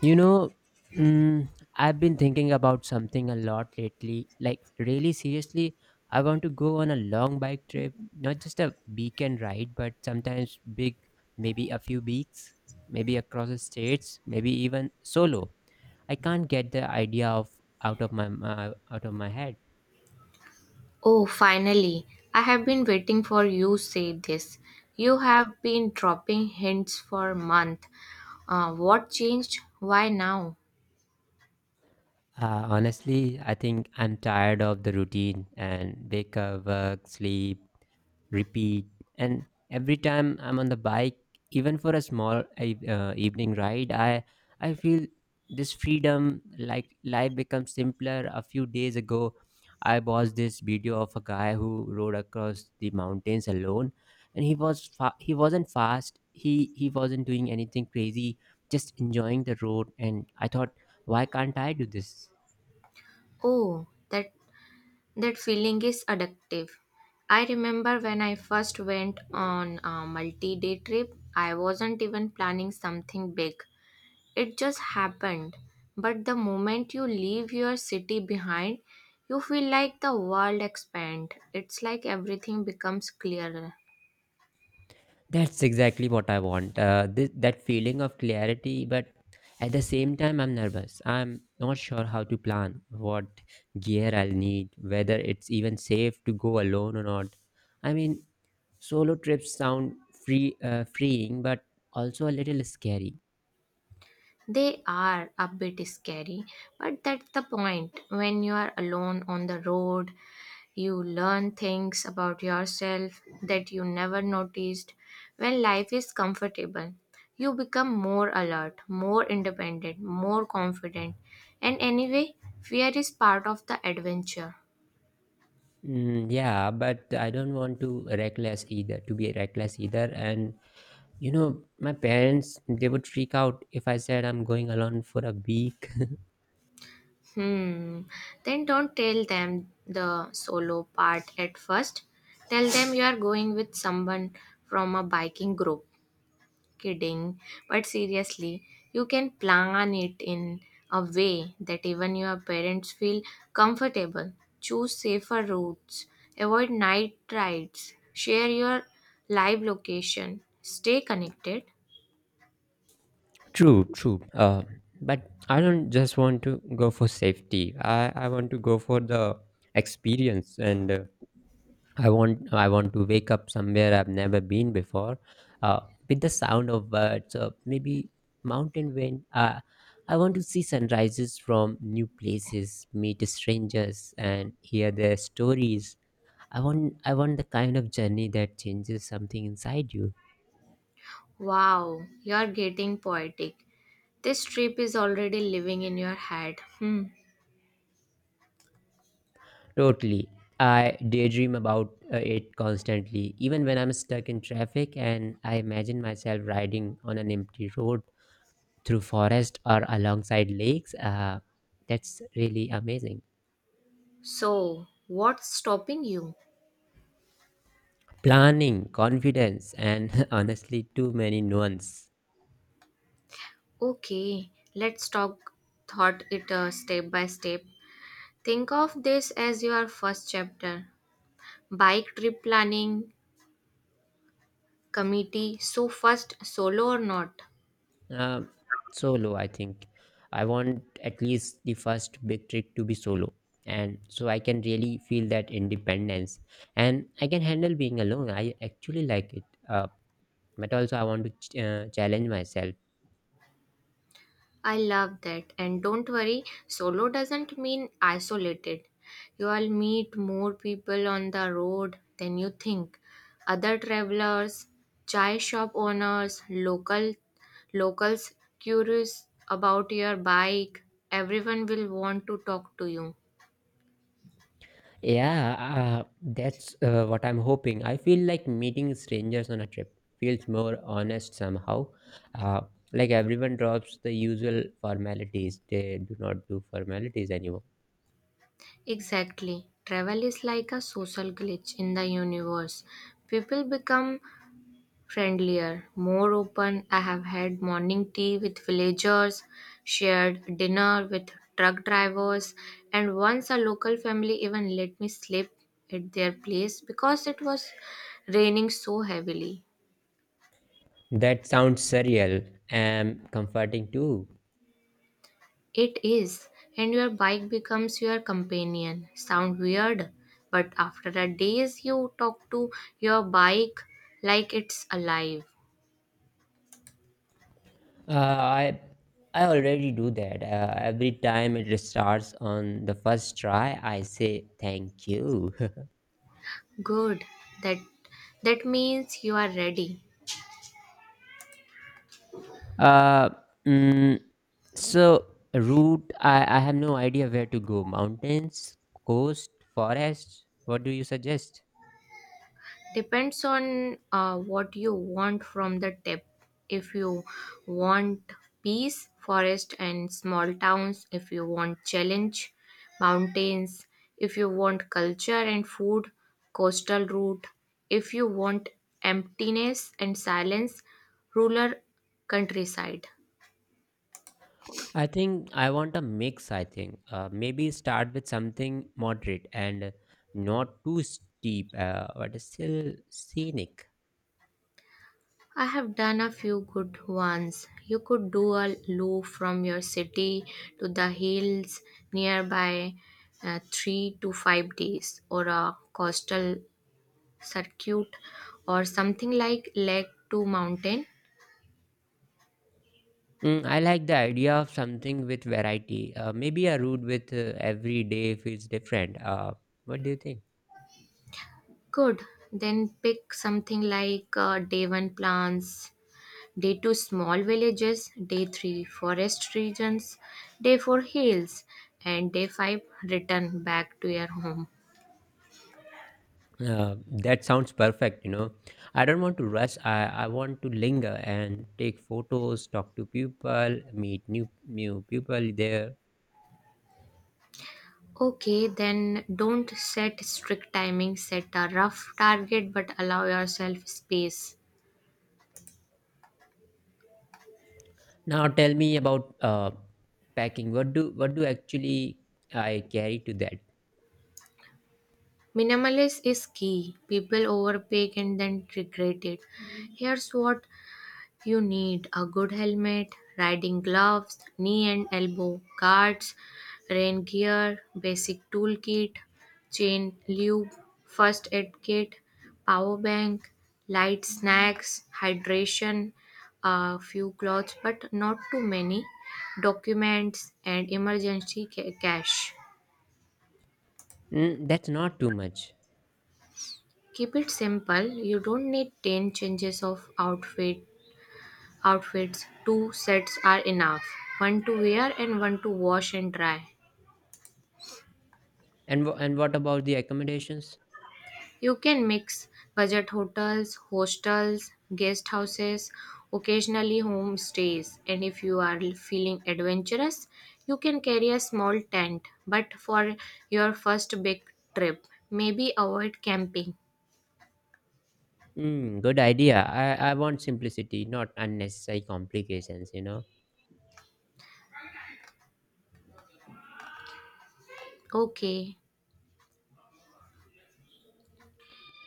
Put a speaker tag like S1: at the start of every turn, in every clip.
S1: You know, mm, I've been thinking about something a lot lately. Like, really seriously, I want to go on a long bike trip, not just a weekend ride, but sometimes big, maybe a few weeks, maybe across the states, maybe even solo. I can't get the idea of out of my head.
S2: Oh, finally. I have been waiting for you say this. You have been dropping hints for a month. What changed? Why now?
S1: Honestly, I think I'm tired of the routine and wake up, work, sleep, repeat. And every time I'm on the bike, even for a small evening ride, I feel this freedom. Like life becomes simpler. A few days ago, I watched this video of a guy who rode across the mountains alone, and he wasn't fast. He wasn't doing anything crazy, just enjoying the road. And I thought, why can't I do this?
S2: Oh, that feeling is addictive. I remember when I first went on a multi-day trip, I wasn't even planning something big. It just happened. But the moment you leave your city behind, you feel like the world expand. It's like everything becomes clearer.
S1: That's exactly what I want. That feeling of clarity, but at the same time, I'm nervous. I'm not sure how to plan, what gear I'll need, whether it's even safe to go alone or not. I mean, solo trips sound freeing, but also a little scary.
S2: They are a bit scary, but that's the point. When you are alone on the road, you learn things about yourself that you never noticed. When life is comfortable, you become more alert, more independent, more confident. And anyway, fear is part of the adventure.
S1: Mm, yeah, but I don't want to reckless either. To be reckless either, and you know, my parents they would freak out if I said I'm going alone for a week.
S2: Hmm. Then don't tell them the solo part at first. Tell them you are going with someone from a biking group. Kidding. But seriously, you can plan it in a way that even your parents feel comfortable. Choose safer routes, avoid night rides, share your live location, stay connected.
S1: True, true. But I don't just want to go for safety. I want to go for the experience, and I want to wake up somewhere I've never been before, uh, with the sound of birds, maybe mountain wind. I want to see sunrises from new places, meet strangers, and hear their stories. I want the kind of journey that changes something inside you.
S2: Wow, you're getting poetic. This trip is already living in your head. Hmm.
S1: Totally. I daydream about it constantly, even when I'm stuck in traffic and I imagine myself riding on an empty road through forest or alongside lakes. That's really amazing.
S2: So, what's stopping you?
S1: Planning, confidence, and honestly, too many nuance.
S2: Okay, let's talk thought it step by step. Think of this as your first chapter bike trip planning, committee. So, first, solo or not?
S1: Um, Solo, I think. I want at least the first big trick to be solo, and so I can really feel that independence and I can handle being alone. I actually like it. Uh, but also I want to challenge myself.
S2: I love that. And don't worry, solo doesn't mean isolated. You will meet more people on the road than you think. Other travelers, chai shop owners, locals curious about your bike. Everyone will want to talk to you.
S1: Yeah, uh, that's what I'm hoping. I feel like meeting strangers on a trip feels more honest somehow, uh, like everyone drops the usual formalities. They do not do formalities anymore.
S2: Exactly. Travel is like a social glitch in the universe. People become friendlier, more open. I have had morning tea with villagers, shared dinner with truck drivers, and once a local family even let me sleep at their place because it was raining so heavily.
S1: That sounds surreal and comforting too.
S2: It is, and your bike becomes your companion. Sound weird, but after a days you talk to your bike like it's alive.
S1: Uh, i i already do that every time it starts on the first try I say thank you.
S2: Good. That that means you are ready.
S1: Uh, mm, so route, I have no idea where to go. Mountains, coast, forest. What do you suggest?
S2: Depends on what you want from the tip. If you want peace, forest, and small towns, if you want challenge, mountains, if you want culture and food, coastal route, if you want emptiness and silence, rural countryside.
S1: I think I want a mix. I think maybe start with something moderate and not too steep, but still scenic.
S2: I have done a few good ones. You could do a loop from your city to the hills nearby, 3 to 5 days, or a coastal circuit, or something like lake to mountain.
S1: Mm, I like the idea of something with variety. Maybe a route with every day feels different. What do you think?
S2: Good. Then pick something like day one plants, day two small villages, day three forest regions, day four hills, and day five return back to your home.
S1: Uh, that sounds perfect, you know. I don't want to rush. I want to linger and take photos, talk to people, meet new people there.
S2: Okay, then don't set strict timing, set a rough target but allow yourself space.
S1: Now tell me about packing. What do actually I carry to that?
S2: Minimalist is key. People overpay and then regret it. Here's what. You need a good helmet, riding gloves, knee and elbow guards, rain gear, basic toolkit, chain lube, first aid kit, power bank, light snacks, hydration, a few clothes but not too many, documents and emergency ca- cash.
S1: Mm, that's not too much.
S2: Keep it simple. You don't need 10 changes of outfits, two sets are enough, one to wear and one to wash and dry.
S1: And what about the accommodations?
S2: You can mix budget hotels, hostels, guest houses, occasionally home stays, and if you are feeling adventurous, you can carry a small tent. But for your first big trip, maybe avoid camping.
S1: Mm, good idea. I want simplicity, not unnecessary complications, you know.
S2: Okay,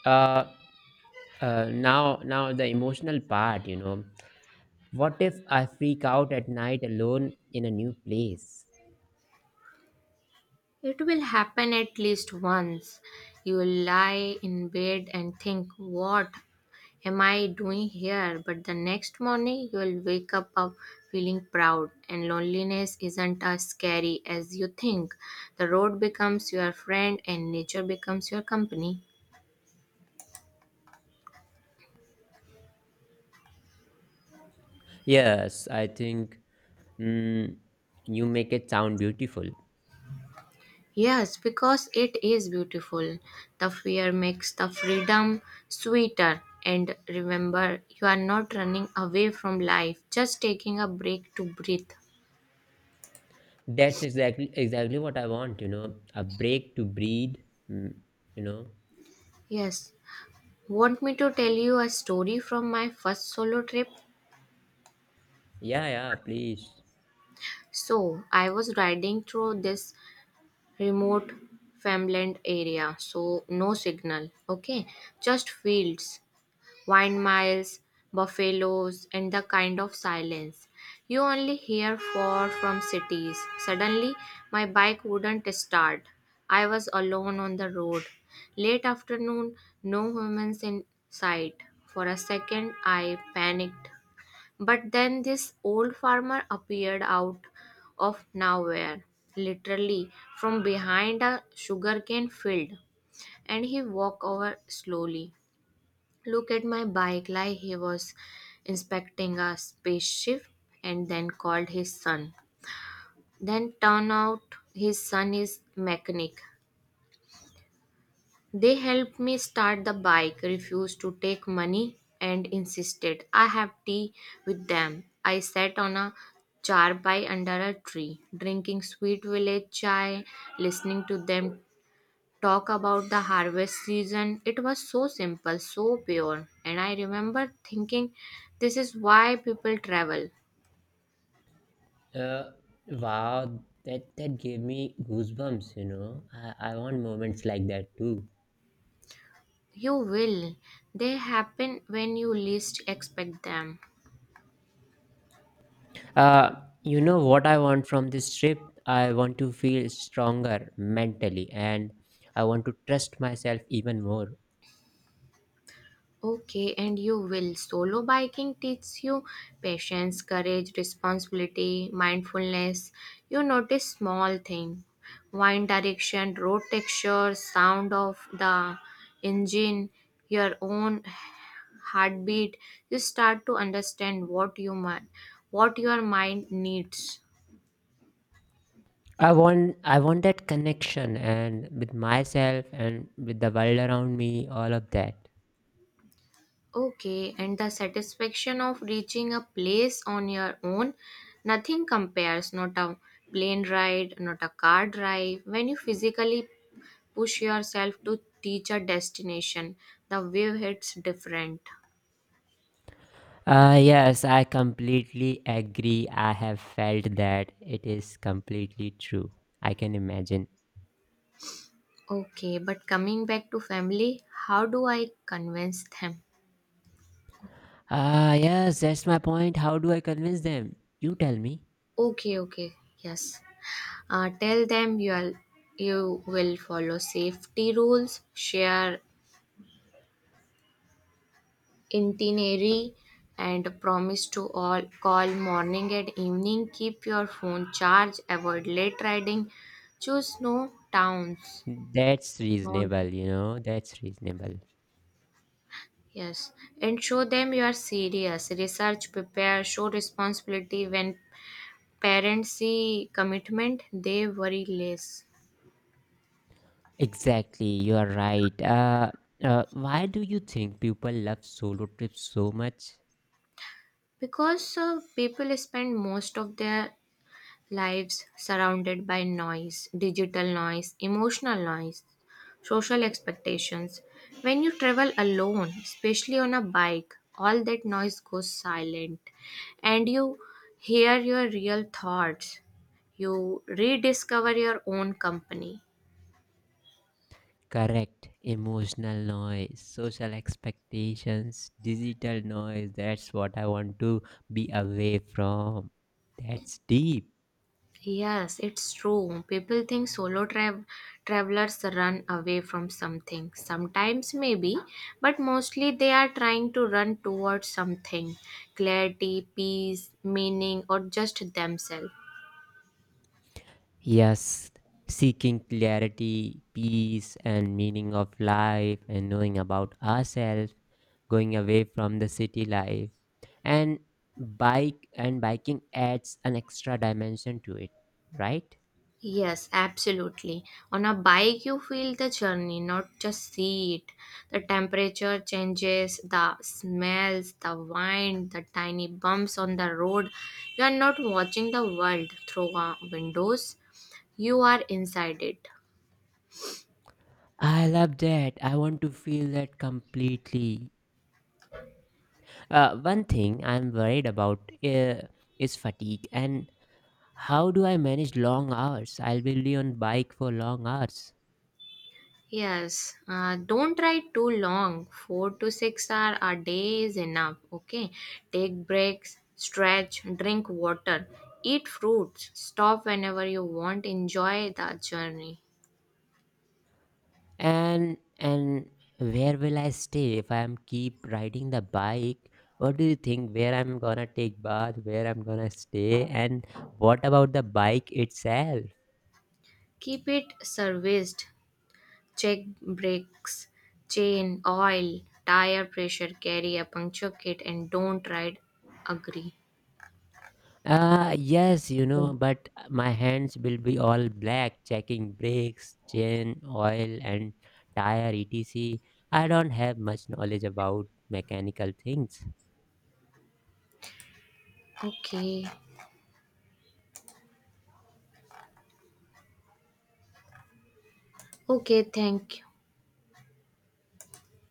S1: Uh, now the emotional part, you know. What if I freak out at night alone in a new place?
S2: it will happen at least once. You will lie in bed and think, what am I doing here? But the next morning you will wake up feeling proud, and loneliness isn't as scary as you think. The road becomes your friend, and nature becomes your company.
S1: Yes, I think, mm, you make it sound beautiful.
S2: Yes, because it is beautiful. The fear makes the freedom sweeter. And remember, you are not running away from life, just taking a break to breathe.
S1: That's exactly exactly what I want, you know, a break to breathe, mm, you know.
S2: Yes. Want me to tell you a story from my first solo trip?
S1: Yeah, yeah, please.
S2: So I was riding through this remote farmland area, so no signal, okay? Just fields, windmills, buffaloes, and the kind of silence you only hear far from cities. Suddenly, my bike wouldn't start. I was alone on the road. Late afternoon, no humans in sight. For a second, I panicked, but then this old farmer appeared out of nowhere, literally from behind a sugarcane field, and he walked over slowly. Look at my bike like he was inspecting a spaceship and then called his son. Then turn out his son is mechanic. They helped me start the bike, refused to take money, and insisted I have tea with them. I sat on a charpai under a tree, drinking sweet village chai, listening to them talk about the harvest season. It was so simple, so pure, and I remember thinking, this is why people travel.
S1: Uh, wow, that gave me goosebumps, you know. I want moments like that too.
S2: You will. They happen when you least expect them.
S1: Uh, you know what I want from this trip? I want to feel stronger mentally and I want to trust myself even more.
S2: Okay, and you will. Solo biking teaches you patience, courage, responsibility, mindfulness. You notice small things, wind direction, road texture, sound of the engine, your own heartbeat. You start to understand what you, what your mind needs.
S1: I want that connection and with myself and with the world around me, all of that.
S2: Okay, and the satisfaction of reaching a place on your own, nothing compares, not a plane ride, not a car drive. When you physically push yourself to reach a destination, the wave hits different.
S1: Yes, I completely agree. I have felt that it is completely true. I can imagine.
S2: Okay, but coming back to family, how do I convince them?
S1: Ah, yes, that's my point. How do I convince them? You tell me.
S2: Okay, okay, yes. Tell them you will, you will follow safety rules, share itinerary and promise to all call morning and evening, keep your phone charged, avoid late riding, choose no towns,
S1: That's
S2: not,
S1: reasonable, you know. That's reasonable.
S2: yes, and show them you are serious, research, prepare, show responsibility. When parents see commitment, they worry less
S1: Exactly, you are right. Why do you think people love solo trips so much?
S2: because people spend most of their lives surrounded by noise, digital noise, emotional noise, social expectations. When you travel alone, especially on a bike, all that noise goes silent and you hear your real thoughts. You rediscover your own company.
S1: Correct. Emotional noise, social expectations, digital noise. That's what I want to be away from. That's deep.
S2: Yes, it's true. People think travelers run away from something. Sometimes, maybe, but mostly they are trying to run towards something, clarity, peace, meaning, or just themselves.
S1: Yes. Seeking clarity, peace, and meaning of life, and knowing about ourselves, going away from the city life. And bike and biking adds an extra dimension to it, right?
S2: Yes, absolutely. On a bike, you feel the journey, not just see it. The temperature changes, the smells, the wind, the tiny bumps on the road. You are not watching the world through windows, you are inside it.
S1: I love that. I want to feel that completely. One thing I'm worried about is fatigue and how do I manage long hours? I'll be really on bike for long hours.
S2: Yes, don't write too long. 4 to 6 hour a day is enough. Okay, take breaks, stretch, drink water, eat fruits, stop whenever you want, enjoy the journey.
S1: And where will I stay if I'm keep riding the bike? What do you think where I'm gonna take bath, where I'm gonna stay and what about the bike itself?
S2: Keep it serviced, check brakes, chain, oil, tire pressure, carry a puncture kit, and don't ride agree.
S1: Yes, you know, but my hands will be all black, checking brakes, chain, oil, and tire, etc. I don't have much knowledge about mechanical things.
S2: Okay, okay, thank you.